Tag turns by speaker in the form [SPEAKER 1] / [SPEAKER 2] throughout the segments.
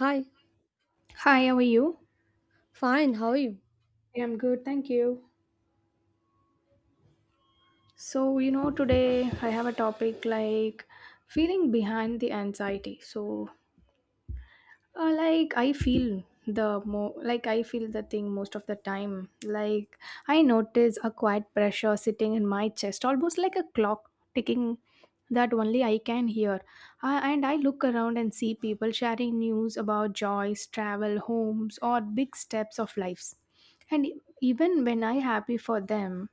[SPEAKER 1] Hi,
[SPEAKER 2] Hi, how are you?
[SPEAKER 1] fine. How are you?
[SPEAKER 2] Yeah, I'm good, thank you. Today I have a topic like feeling behind the anxiety. Like I feel the mo like I feel the thing most of the time. Like I notice a quiet pressure sitting in my chest, almost like a clock ticking that only I can hear. And I look around and see people sharing news about joys, travel, homes, or big steps of lives. And even when I happy for them,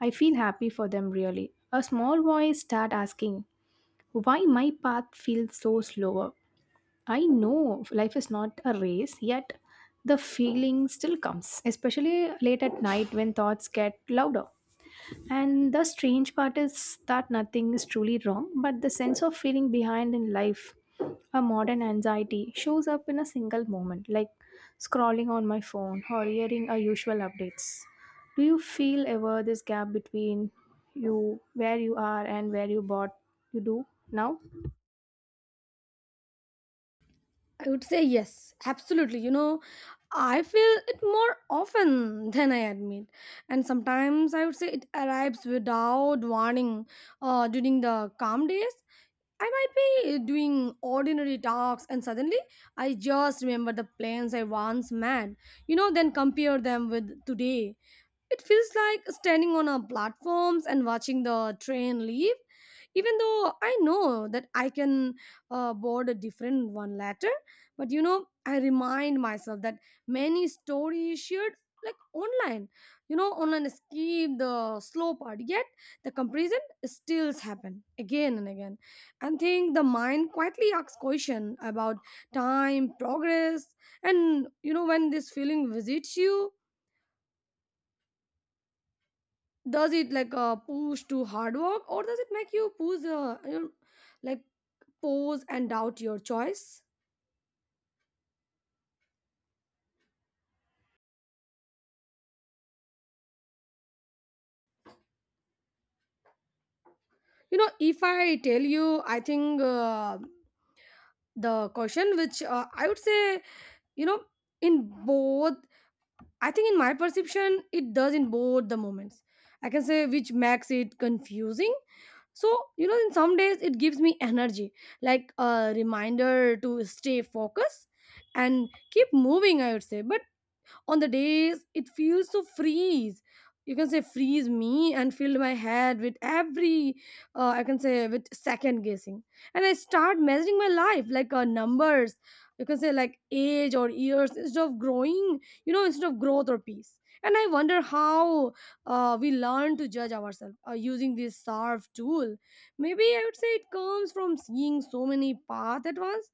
[SPEAKER 2] I feel happy for them really. A small voice start asking why my path feels so slower. I know life is not a race, yet the feeling still comes, especially late at night when thoughts get louder. And the strange part is that nothing is truly wrong, but the sense of feeling behind in life, a modern anxiety, shows up in a single moment, like scrolling on my phone or hearing our usual updates. Do you feel ever this gap between you, where you are, and where you bought you do now?
[SPEAKER 1] I would say yes, absolutely. I feel it more often than I admit. And sometimes I would say it arrives without warning during the calm days. I might be doing ordinary talks and suddenly I just remember the plans I once met, then compare them with today. It feels like standing on a platforms and watching the train leave, even though I know that I can board a different one later. But I remind myself that many stories shared like online, online escape the slow part. Yet the comparison still happen again and again. And think the mind quietly asks question about time, progress, and when this feeling visits you, does it like push to hard work, or does it make you push like pause and doubt your choice? If I tell you, I think the question which I would say, you know in both. I think in my perception it does in both the moments, I can say, which makes it confusing. So in some days it gives me energy, like a reminder to stay focused and keep moving, I would say. But on the days it feels to freeze, you can say freeze me and fill my head with every I can say, with second guessing. And I start measuring my life like numbers, you can say, like age or years, instead of growing, instead of growth or peace. And I wonder how we learn to judge ourselves using this sarf tool. Maybe I would say it comes from seeing so many paths at once,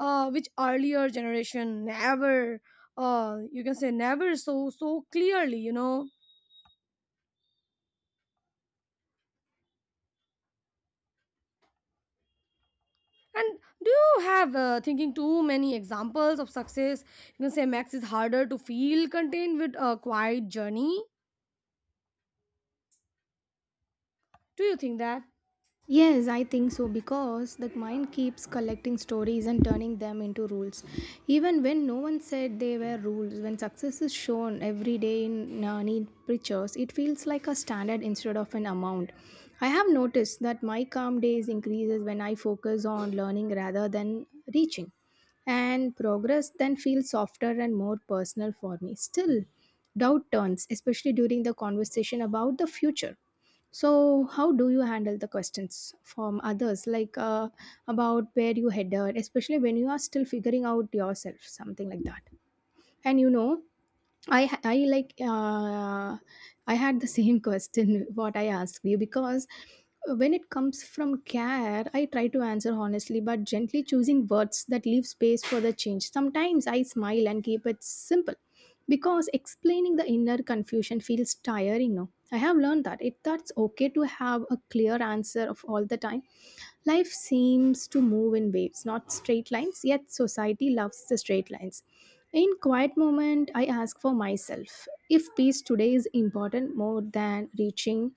[SPEAKER 1] which earlier generation never, you can say, never so clearly, you know And do you have, thinking too many examples of success, you can say, max is harder to feel contained with a quiet journey? Do you think that?
[SPEAKER 2] Yes, I think so because the mind keeps collecting stories and turning them into rules. Even when no one said they were rules, when success is shown every day in neat pictures, it feels like a standard instead of an amount. I have noticed that my calm days increases when I focus on learning rather than reaching. And progress then feels softer and more personal for me. Still, doubt turns, especially during the conversation about the future. So, how do you handle the questions from others, about where you headed, especially when you are still figuring out yourself, something like that? And you know, I ha- I like I had the same question what I asked you because when it comes from care I try to answer honestly but gently choosing words that leave space for the change. Sometimes I smile and keep it simple because explaining the inner confusion feels tiring. No, I have learned that it that's okay to have a clear answer of all the time. Life seems to move in waves, not straight lines, yet society loves the straight lines. In quiet moment, I ask for myself if peace today is important more than reaching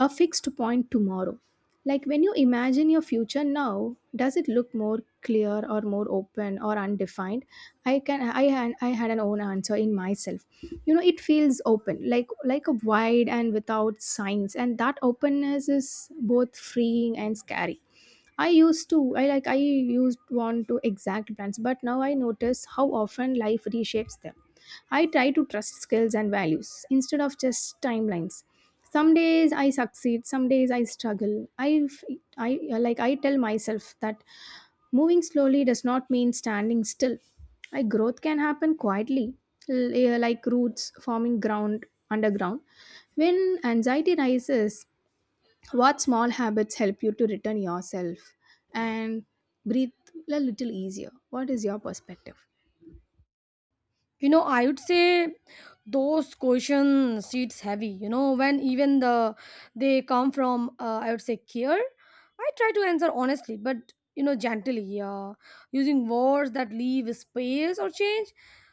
[SPEAKER 2] a fixed point tomorrow. Like when you imagine your future now, does it look more clear or more open or undefined? I had an own answer in myself. You know, it feels open, like a wide and without signs, and that openness is both freeing and scary. I used want to exact plans, but now I notice how often life reshapes them. I try to trust skills and values instead of just timelines. Some days I succeed, some days I struggle. I, have I like, I tell myself that moving slowly does not mean standing still. I growth can happen quietly, like roots forming ground underground. When anxiety rises, what small habits help you to return yourself and breathe a little easier? What is your perspective?
[SPEAKER 1] I would say those question seats heavy. You know, when even they come from, I would say, care. I try to answer honestly, but gently, using words that leave space or change.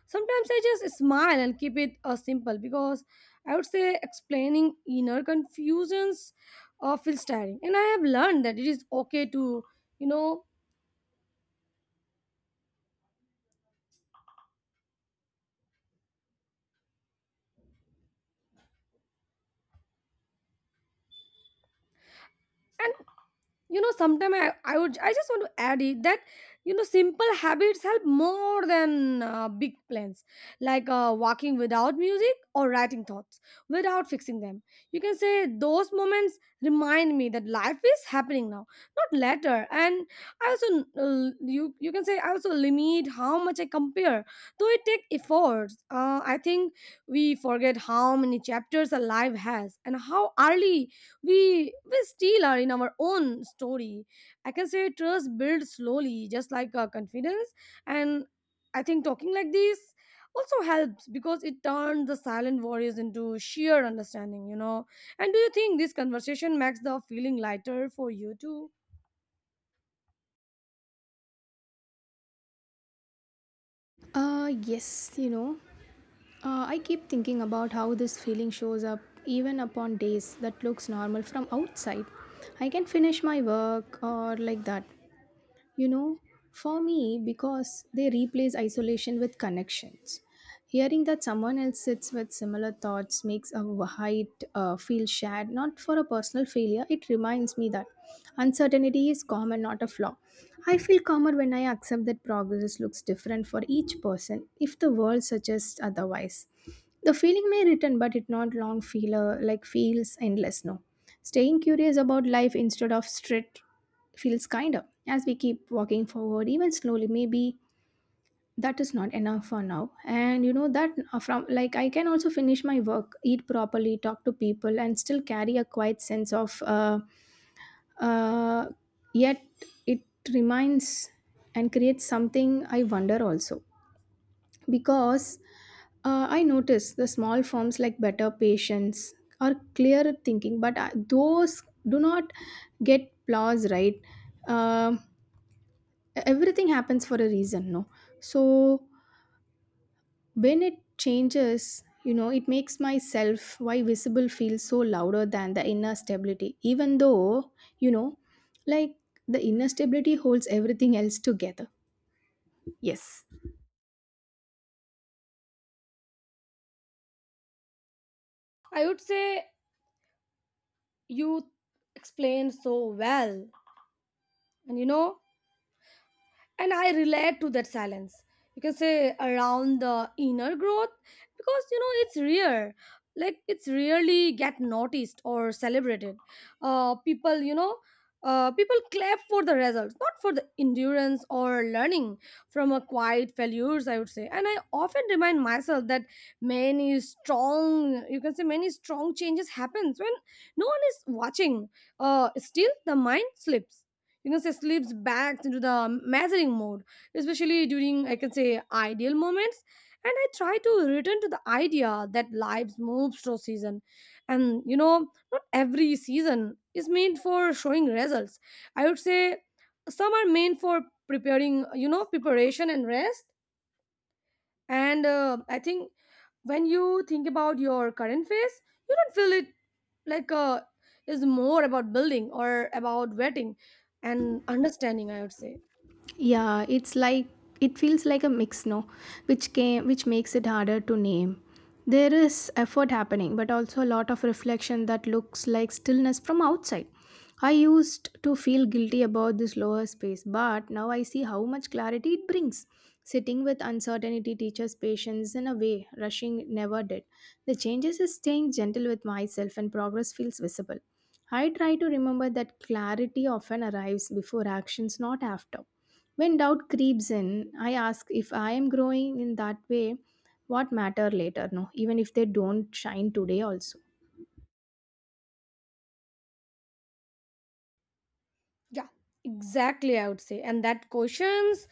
[SPEAKER 1] Sometimes I just smile and keep it simple because I would say explaining inner confusions feels tiring, and I have learned that it is okay to, you know. And, sometimes I just want to add it that, simple habits help more than big plans, like walking without music, or writing thoughts without fixing them, you can say. Those moments remind me that life is happening now, not later. And I also you can say, I also limit how much I compare, though it take efforts. I think we forget how many chapters a life has, and how early we still are in our own story. I can say trust builds slowly, just like confidence. And I think talking like this also helps because it turns the silent worries into sheer understanding, you know And do you think this conversation makes the feeling lighter for you too?
[SPEAKER 2] Yes, you know, I keep thinking about how this feeling shows up even upon days that looks normal from outside. I can finish my work or like that, you know, for me because they replace isolation with connections. Hearing that someone else sits with similar thoughts makes a height feel shared, not for a personal failure. It reminds me that uncertainty is common, not a flaw. I feel calmer when I accept that progress looks different for each person if the world suggests otherwise. The feeling may return, but it not long feel like feels endless, no. Staying curious about life instead of strict feels kinder as we keep walking forward, even slowly maybe. That is not enough for now. And you know that from like I can also finish my work, eat properly, talk to people, and still carry a quiet sense of uh, yet it reminds and creates something I wonder also, because I notice the small forms like better patience or clearer thinking, but those do not get applause, right? Um Everything happens for a reason, no. So when it changes, you know, it makes my self why visible feel so louder than the inner stability, even though, you know, like the inner stability holds everything else together. Yes.
[SPEAKER 1] I would say you explained so well. And you know and I relate to that silence, you can say, around the inner growth, because you know it's rare, like it's rarely get noticed or celebrated. Uh, people you know uh, people clap for the results, not for the endurance or learning from a quiet failures, I would say. And I often remind myself that many strong you can say many strong changes happens when no one is watching. Still the mind slips, say slips back into the measuring mode, especially during, I can say, ideal moments. And I try to return to the idea that lives moves through season. And not every season is meant for showing results, I would say. Some are meant for preparing, preparation and rest. And I think when you think about your current phase, you don't feel it like is more about building or about vetting and understanding, I would say.
[SPEAKER 2] Yeah, it's like it feels like a mix, no, which makes it harder to name. There is effort happening, but also a lot of reflection that looks like stillness from outside. I used to feel guilty about this lower space, but now I see how much clarity it brings. Sitting with uncertainty teaches patience in a way rushing never did. The changes is staying gentle with myself and progress feels visible. I try to remember that clarity often arrives before actions, not after. When doubt creeps in, I ask if I am growing in that way, what matter later? No, even if they don't shine today also.
[SPEAKER 1] Yeah, exactly. I would say, and that questions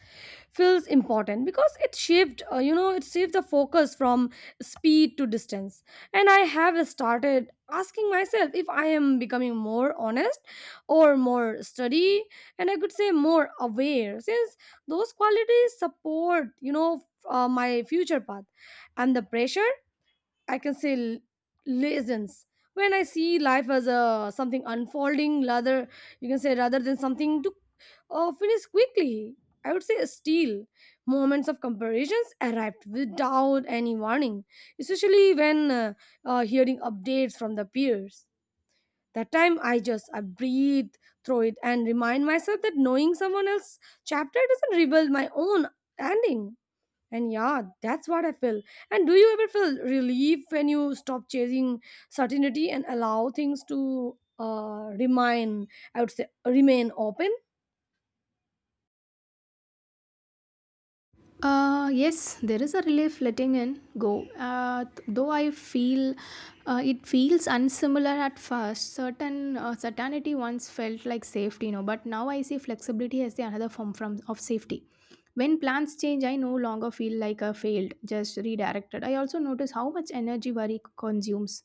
[SPEAKER 1] feels important because it shaped the focus from speed to distance. And I have started asking myself if I am becoming more honest or more study, and I could say more aware, since those qualities support, my future path, and the pressure I can say laziness. When I see life as a something unfolding, rather you can say rather than something to finish quickly. I would say steal moments of comparisons arrived without any warning, especially when hearing updates from the peers. That time I just I breathe through it and remind myself that knowing someone else's chapter doesn't reveal my own ending. And yeah, that's what I feel. And do you ever feel relief when you stop chasing certainty and allow things to remain? I would say remain open.
[SPEAKER 2] Yes, there is a relief letting in go. Though I feel it feels unsimilar at first. Certainty once felt like safety, you know, but now I see flexibility as the another form from of safety. When plans change, I no longer feel like I failed, just redirected. I also notice how much energy worry consumes,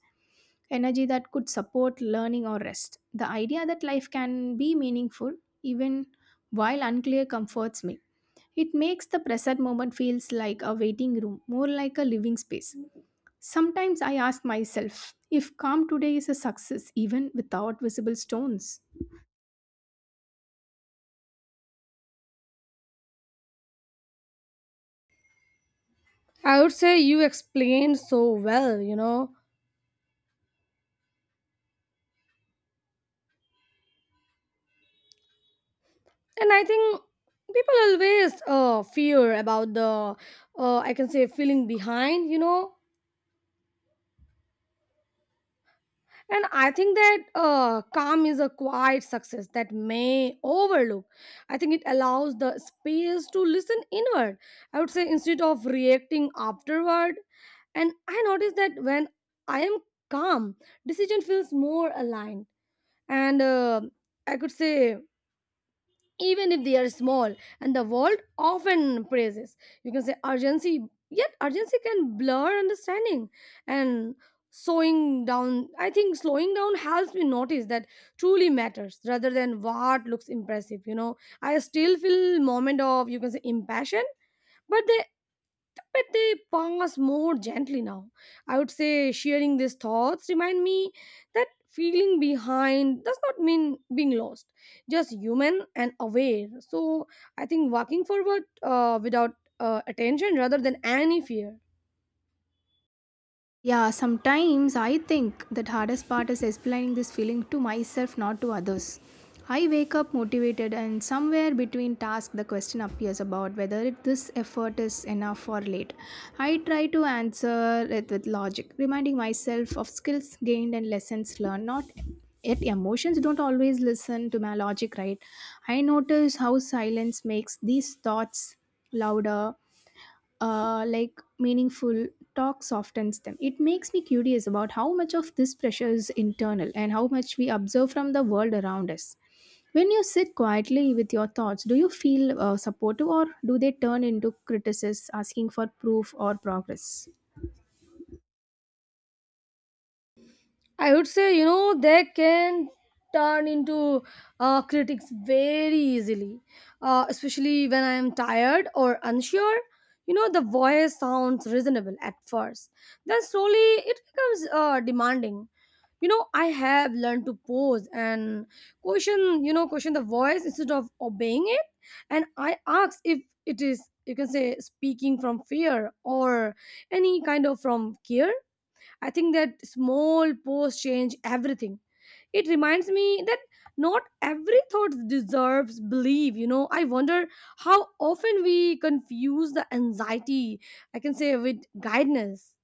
[SPEAKER 2] energy that could support learning or rest. The idea that life can be meaningful even while unclear comforts me. It makes the present moment feels like a waiting room, more like a living space. Sometimes I ask myself if calm today is a success even without visible stones.
[SPEAKER 1] I would say you explained so well. And I think people always fear about the I can say feeling behind. And I think that calm is a quiet success that may overlook. I think it allows the space to listen inward. I would say instead of reacting afterward. And I notice that when I am calm, decision feels more aligned. And I could say, even if they are small, and the world often praises, you can say, urgency. Yet urgency can blur understanding. And slowing down helps me notice that truly matters rather than what looks impressive, you know I still feel moment of, you can say, impassion, but they pass more gently now. I would say sharing these thoughts remind me that feeling behind does not mean being lost, just human and aware. So I think walking forward without attention rather than any fear.
[SPEAKER 2] Yeah, sometimes I think that hardest part is explaining this feeling to myself, not to others. I wake up motivated, and somewhere between tasks, the question appears about whether it, this effort is enough or late. I try to answer it with logic, reminding myself of skills gained and lessons learned, not yet emotions don't always listen to my logic, right? I notice how silence makes these thoughts louder, like meaningful talk softens them. It makes me curious about how much of this pressure is internal and how much we observe from the world around us. When you sit quietly with your thoughts, do you feel supportive or do they turn into criticism asking for proof or progress?
[SPEAKER 1] I would say, they can turn into critics very easily, especially when I am tired or unsure. You know, the voice sounds reasonable at first, then slowly it becomes demanding. You know, I have learned to pause and question the voice instead of obeying it. And I ask if it is, you can say, speaking from fear or any kind of from care. I think that small pause change everything. It reminds me that not every thought deserves belief. You know, I wonder how often we confuse the anxiety, I can say, with guidance.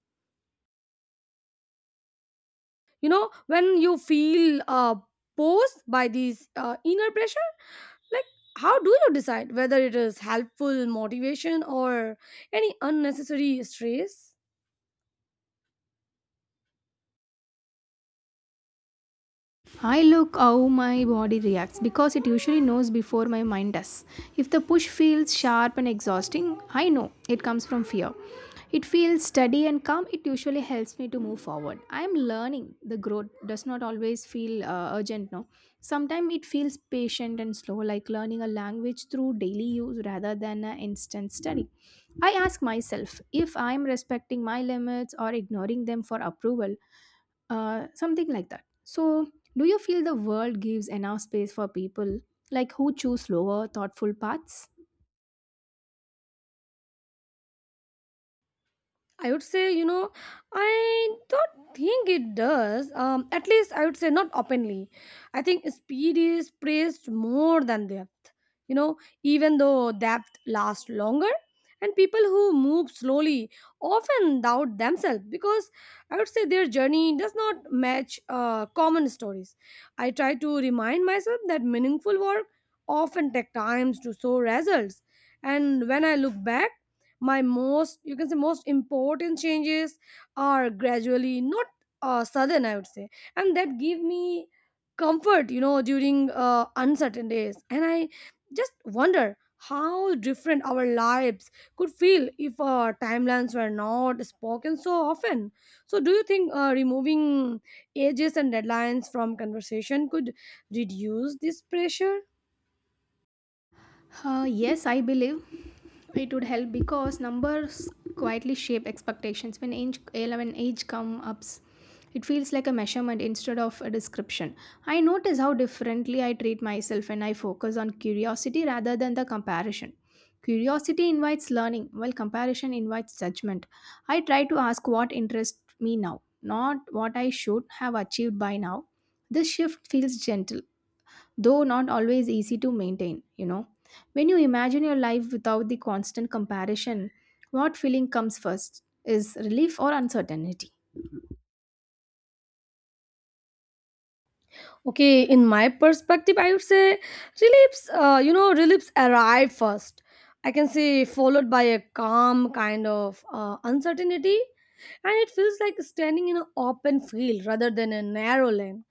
[SPEAKER 1] You know, when you feel posed by these inner pressure, like how do you decide whether it is helpful motivation or any unnecessary stress?
[SPEAKER 2] I look how my body reacts because it usually knows before my mind does. If the push feels sharp and exhausting, I know it comes from fear. It feels steady and calm, it usually helps me to move forward. I am learning the growth does not always feel urgent, no. Sometimes it feels patient and slow, like learning a language through daily use rather than an instant study. I ask myself if I am respecting my limits or ignoring them for approval, something like that. So, do you feel the world gives enough space for people like who choose slower, thoughtful paths?
[SPEAKER 1] I would say, I don't think it does. At least I would say not openly. I think speed is praised more than depth. You know, even though depth lasts longer, and people who move slowly often doubt themselves because I would say their journey does not match common stories. I try to remind myself that meaningful work often takes times to show results. And when I look back, my most you can say most important changes are gradually not sudden, I would say. And that give me comfort, during uncertain days. And I just wonder how different our lives could feel if timelines were not spoken so often. So do you think removing ages and deadlines from conversation could reduce this pressure?
[SPEAKER 2] Yes, I believe it would help because numbers quietly shape expectations. When age, 11 age comes up, it feels like a measurement instead of a description. I notice how differently I treat myself when I focus on curiosity rather than the comparison. Curiosity invites learning, while comparison invites judgment. I try to ask what interests me now, not what I should have achieved by now. This shift feels gentle, though not always easy to maintain, you know. When you imagine your life without the constant comparison, what feeling comes first? Is relief or uncertainty?
[SPEAKER 1] Okay, in my perspective, I would say reliefs arrive first. I can say followed by a calm kind of uncertainty, and it feels like standing in an open field rather than a narrow lane.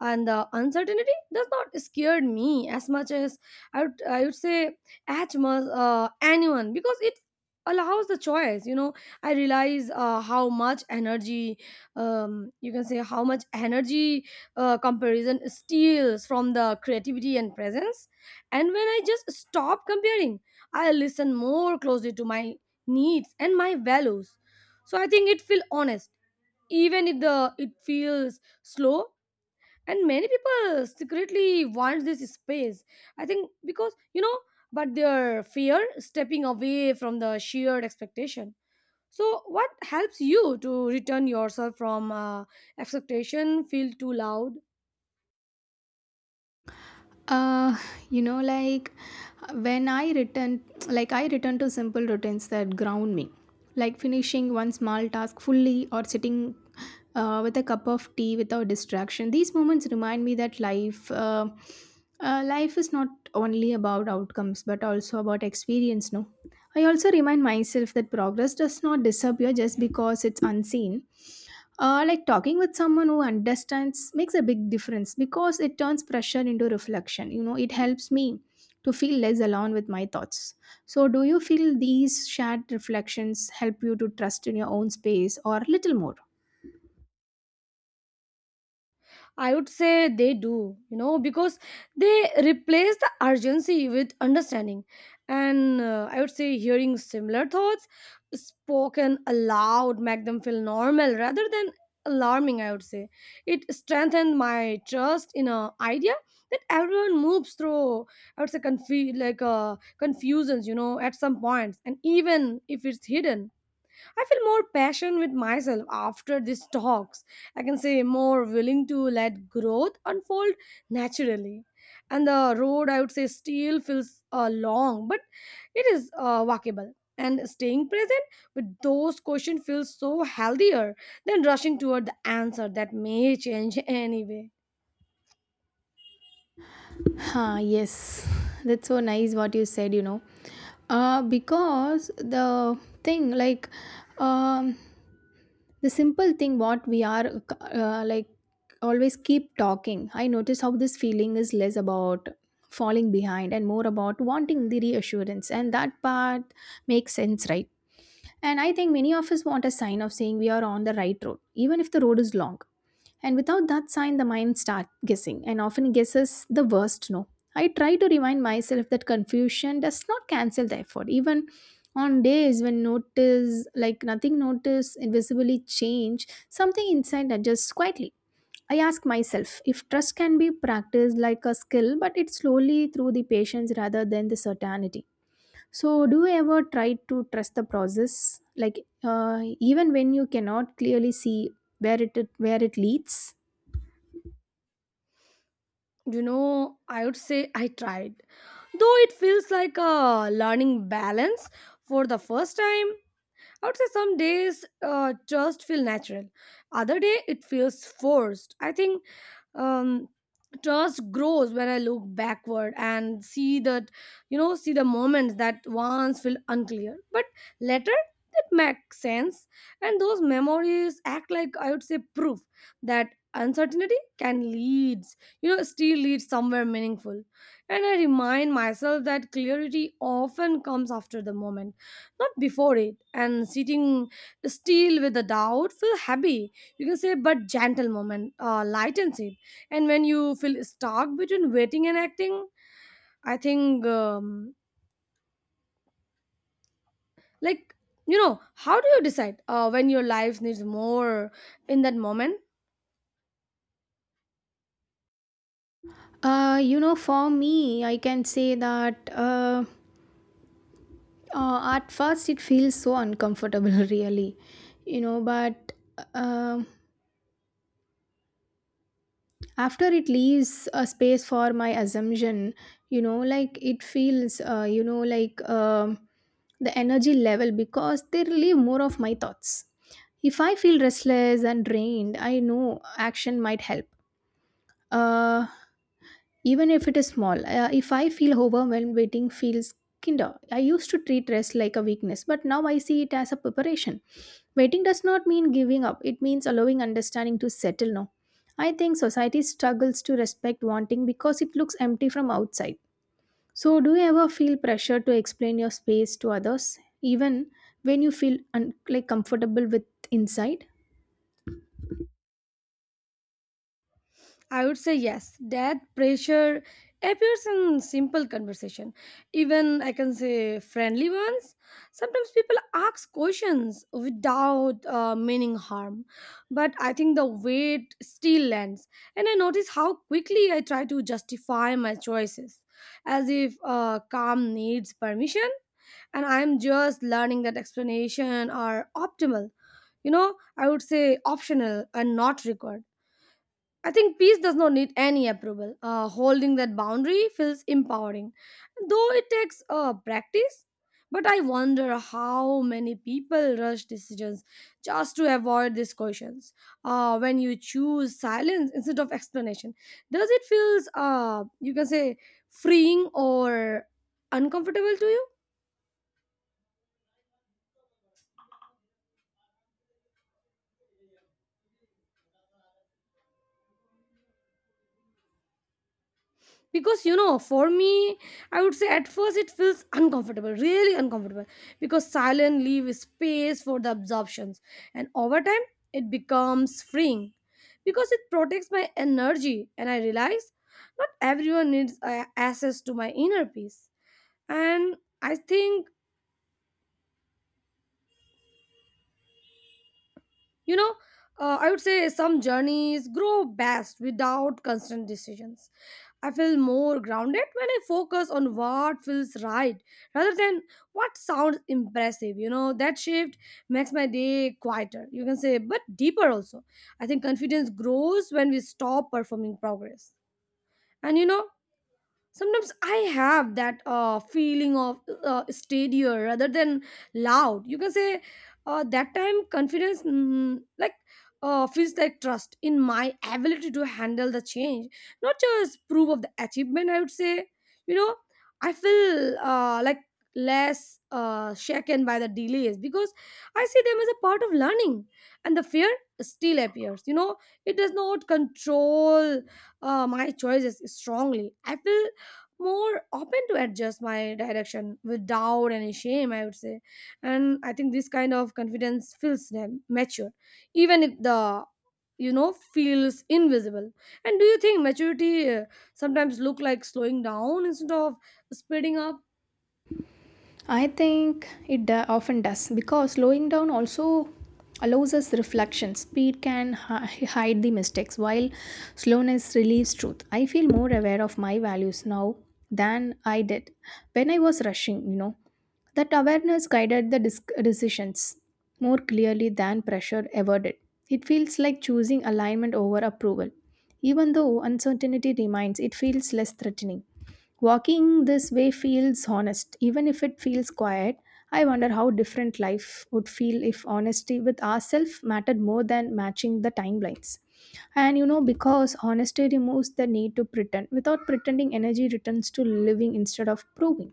[SPEAKER 1] And the uncertainty does not scare me as much as I would say, as much anyone, because it allows the choice. I realize how much energy comparison steals from the creativity and presence. And when I just stop comparing, I listen more closely to my needs and my values. So I think it feels honest, even if the it feels slow. And many people secretly want this space, I think, because but their fear stepping away from the sheer expectation. So what helps you to return yourself from expectation feel too loud?
[SPEAKER 2] Uh, like when I return, like I return to simple routines that ground me, like finishing one small task fully or sitting with a cup of tea without distraction. These moments remind me that life is not only about outcomes but also about experience. No, I also remind myself that progress does not disappear just because it's unseen. Like talking with someone who understands makes a big difference because it turns pressure into reflection. You know, it helps me to feel less alone with my thoughts. So, do you feel these shared reflections help you to trust in your own space or a little more?
[SPEAKER 1] I would say they do, you know, because they replace the urgency with understanding. And I would say hearing similar thoughts spoken aloud make them feel normal rather than alarming, I would say. It strengthened my trust in a idea that everyone moves through, I would say, confusions, you know, at some points, and even if it's hidden. I feel more passion with myself after these talks. I can say more willing to let growth unfold naturally. And the road, I would say, still feels long, but it is walkable. And staying present with those questions feels so healthier than rushing toward the answer that may change anyway.
[SPEAKER 2] Huh, yes, that's so nice what you said, you know. Because the thing, um, the simple thing what we are uh, like always keep talking, I notice how this feeling is less about falling behind and more about wanting the reassurance, and that part makes sense, right? And I think many of us want a sign of saying we are on the right road, even if the road is long. And without that sign, the mind starts guessing and often guesses the worst. No, I try to remind myself that confusion does not cancel the effort. Even on days when notice like nothing, notice invisibly change, something inside adjusts quietly. I ask myself if trust can be practiced like a skill, but it's slowly through the patience rather than the certainty. So, do you ever try to trust the process, like even when you cannot clearly see where where it leads?
[SPEAKER 1] You know, I would say I tried. Though it feels like a learning balance for the first time, I would say some days just feel natural. Other day it feels forced. I think um, trust grows when I look backward and see the moments that once feel unclear, but later it makes sense. And those memories act like, I would say, proof that uncertainty can leads, you know, still leads somewhere meaningful. And I remind myself that clarity often comes after the moment, not before it, and sitting still with the doubt feel happy, you can say, but gentle moment lightens it. And when you feel stuck between waiting and acting, I think like you know how do you decide when your life needs more in that moment?
[SPEAKER 2] You know, for me, I can say that. At first, it feels so uncomfortable, really, you know, but um after it leaves a space for my assumption, you know, like it feels, you know, the energy level, because they relieve more of my thoughts. If I feel restless and drained, I know action might help. Uh, Even if it is small. If I feel overwhelmed, waiting feels kinder. I used to treat rest like a weakness, but now I see it as a preparation. Waiting does not mean giving up, it means allowing understanding to settle now. I think society struggles to respect wanting because it looks empty from outside. So, do you ever feel pressure to explain your space to others, even when you feel like comfortable with inside?
[SPEAKER 1] I would say yes. That pressure appears in simple conversation. Even, I can say, friendly ones. Sometimes people ask questions without meaning harm. But I think the weight still lands. And I notice how quickly I try to justify my choices as if calm needs permission, and I'm just learning that explanation are optimal. You know, I would say optional and not required. I think peace does not need any approval. Holding that boundary feels empowering, though it takes practice. But I wonder how many people rush decisions just to avoid these questions. When you choose silence instead of explanation, does it feels, you can say, freeing or uncomfortable to you? Because, you know, for me, I would say at first it feels uncomfortable, really uncomfortable, because silence leaves space for the absorptions. And over time it becomes freeing, because it protects my energy, and I realize not everyone needs access to my inner peace. And I think, you know, I would say some journeys grow best without constant decisions. I feel more grounded when I focus on what feels right rather than what sounds impressive. You know, that shift makes my day quieter, you can say, but deeper also. I think confidence grows when we stop performing progress. And, you know, sometimes I have that feeling of steadier rather than loud, you can say. That time confidence, feels like trust in my ability to handle the change, not just proof of the achievement, I would say. You know, I feel less shaken by the delays because I see them as a part of learning. And the fear still appears, you know, it does not control my choices strongly. I feel more open to adjust my direction without any shame, I would say. And I think this kind of confidence feels them mature, even if the, you know, feels invisible. And do you think maturity sometimes look like slowing down instead of speeding up?
[SPEAKER 2] I think often does, because slowing down also allows us reflection. Speed can hide the mistakes while slowness relieves truth. I feel more aware of my values now than I did when I was rushing, you know. That awareness guided the decisions more clearly than pressure ever did. It feels like choosing alignment over approval. Even though uncertainty remains, it feels less threatening. Walking this way feels honest, even if it feels quiet. I wonder how different life would feel if honesty with ourselves mattered more than matching the timelines. And you know, because honesty removes the need to pretend. Without pretending, energy returns to living instead of proving.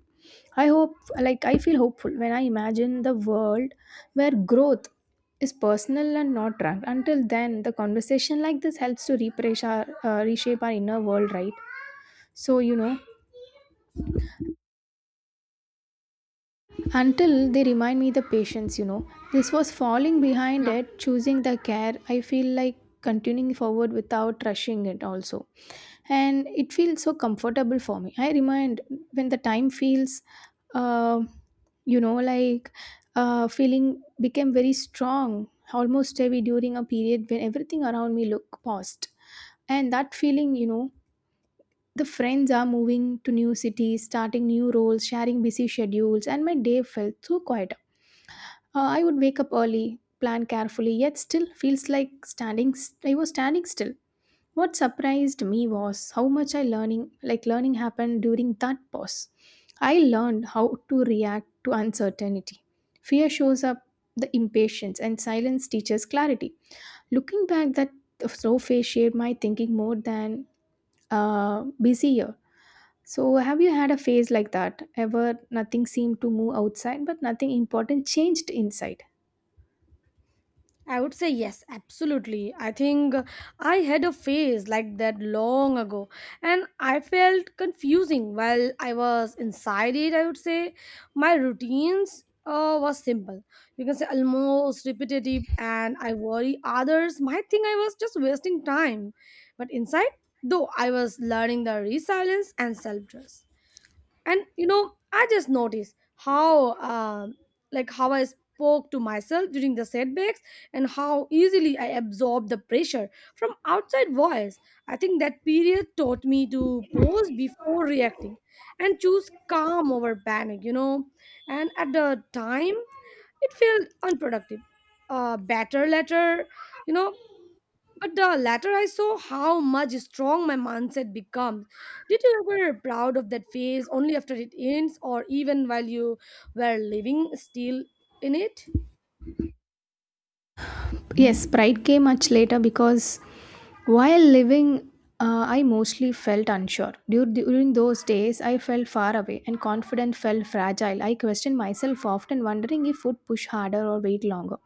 [SPEAKER 2] I hope, like, I feel hopeful when I imagine the world where growth is personal and not drunk. Until then, the conversation like this helps to repraise our, reshape our inner world, right? So, you know. Until they remind me the patience, you know. This was falling behind
[SPEAKER 1] Yeah,
[SPEAKER 2] it, choosing the care. I feel like continuing forward without rushing it also. And it feels so comfortable for me. I remind when the time feels, uh, you know, feeling became very strong, almost heavy during a period when everything around me looked paused. And that feeling, you know, the friends are moving to new cities, starting new roles, sharing busy schedules, and my day felt so quiet. I would wake up early, plan carefully, yet still feels like standing. I was standing still. What surprised me was how much I learning, like learning, happened during that pause. I learned how to react to uncertainty. Fear shows up the impatience, and silence teaches clarity. Looking back, that slow phase shaped my thinking more than a busy year. So, have you had a phase like that? Ever nothing seemed to move outside, but nothing important changed inside?
[SPEAKER 1] I would say yes, absolutely. I think I had a phase like that long ago, and I felt confusing while I was inside it. I would say my routines was simple. You can say almost repetitive, and I worry others might think I was just wasting time. But inside, though, I was learning the resilience and self trust. And, you know, I just noticed how how I spoke to myself during the setbacks and how easily I absorbed the pressure from outside voice. I think that period taught me to pause before reacting and choose calm over panic, you know. And at the time it felt unproductive, better later, you know. But the latter, I saw how much strong my mindset becomes. Did you ever proud of that phase only after it ends, or even while you were living still in it?
[SPEAKER 2] Yes, Sprite came much later because while living, I mostly felt unsure. During those days, I felt far away and confidence felt fragile. I questioned myself often, wondering if would push harder or wait longer.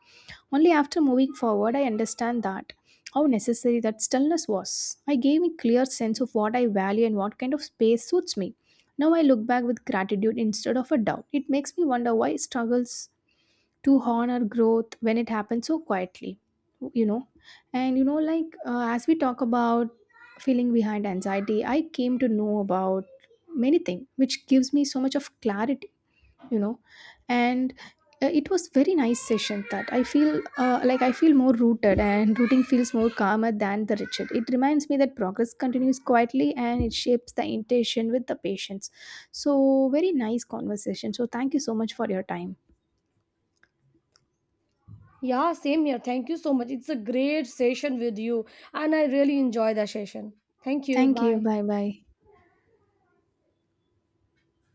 [SPEAKER 2] Only after moving forward, I understand that how necessary that stillness was. I gave a clear sense of what I value and what kind of space suits me. Now I look back with gratitude instead of a doubt. It makes me wonder why struggles to honor growth when it happens so quietly, you know. And you know, like as we talk about feeling behind anxiety, I came to know about many things which gives me so much of clarity, you know. And it was very nice session that I feel I feel more rooted, and rooting feels more calmer than the rigid. It reminds me that progress continues quietly and it shapes the intention with the patience. So, very nice conversation, so thank you so much for your time.
[SPEAKER 1] Yeah, same here. Thank you so much. It's a great session with you, and I really enjoy the session. Thank you.
[SPEAKER 2] Thank you,
[SPEAKER 1] Bye.
[SPEAKER 2] bye bye.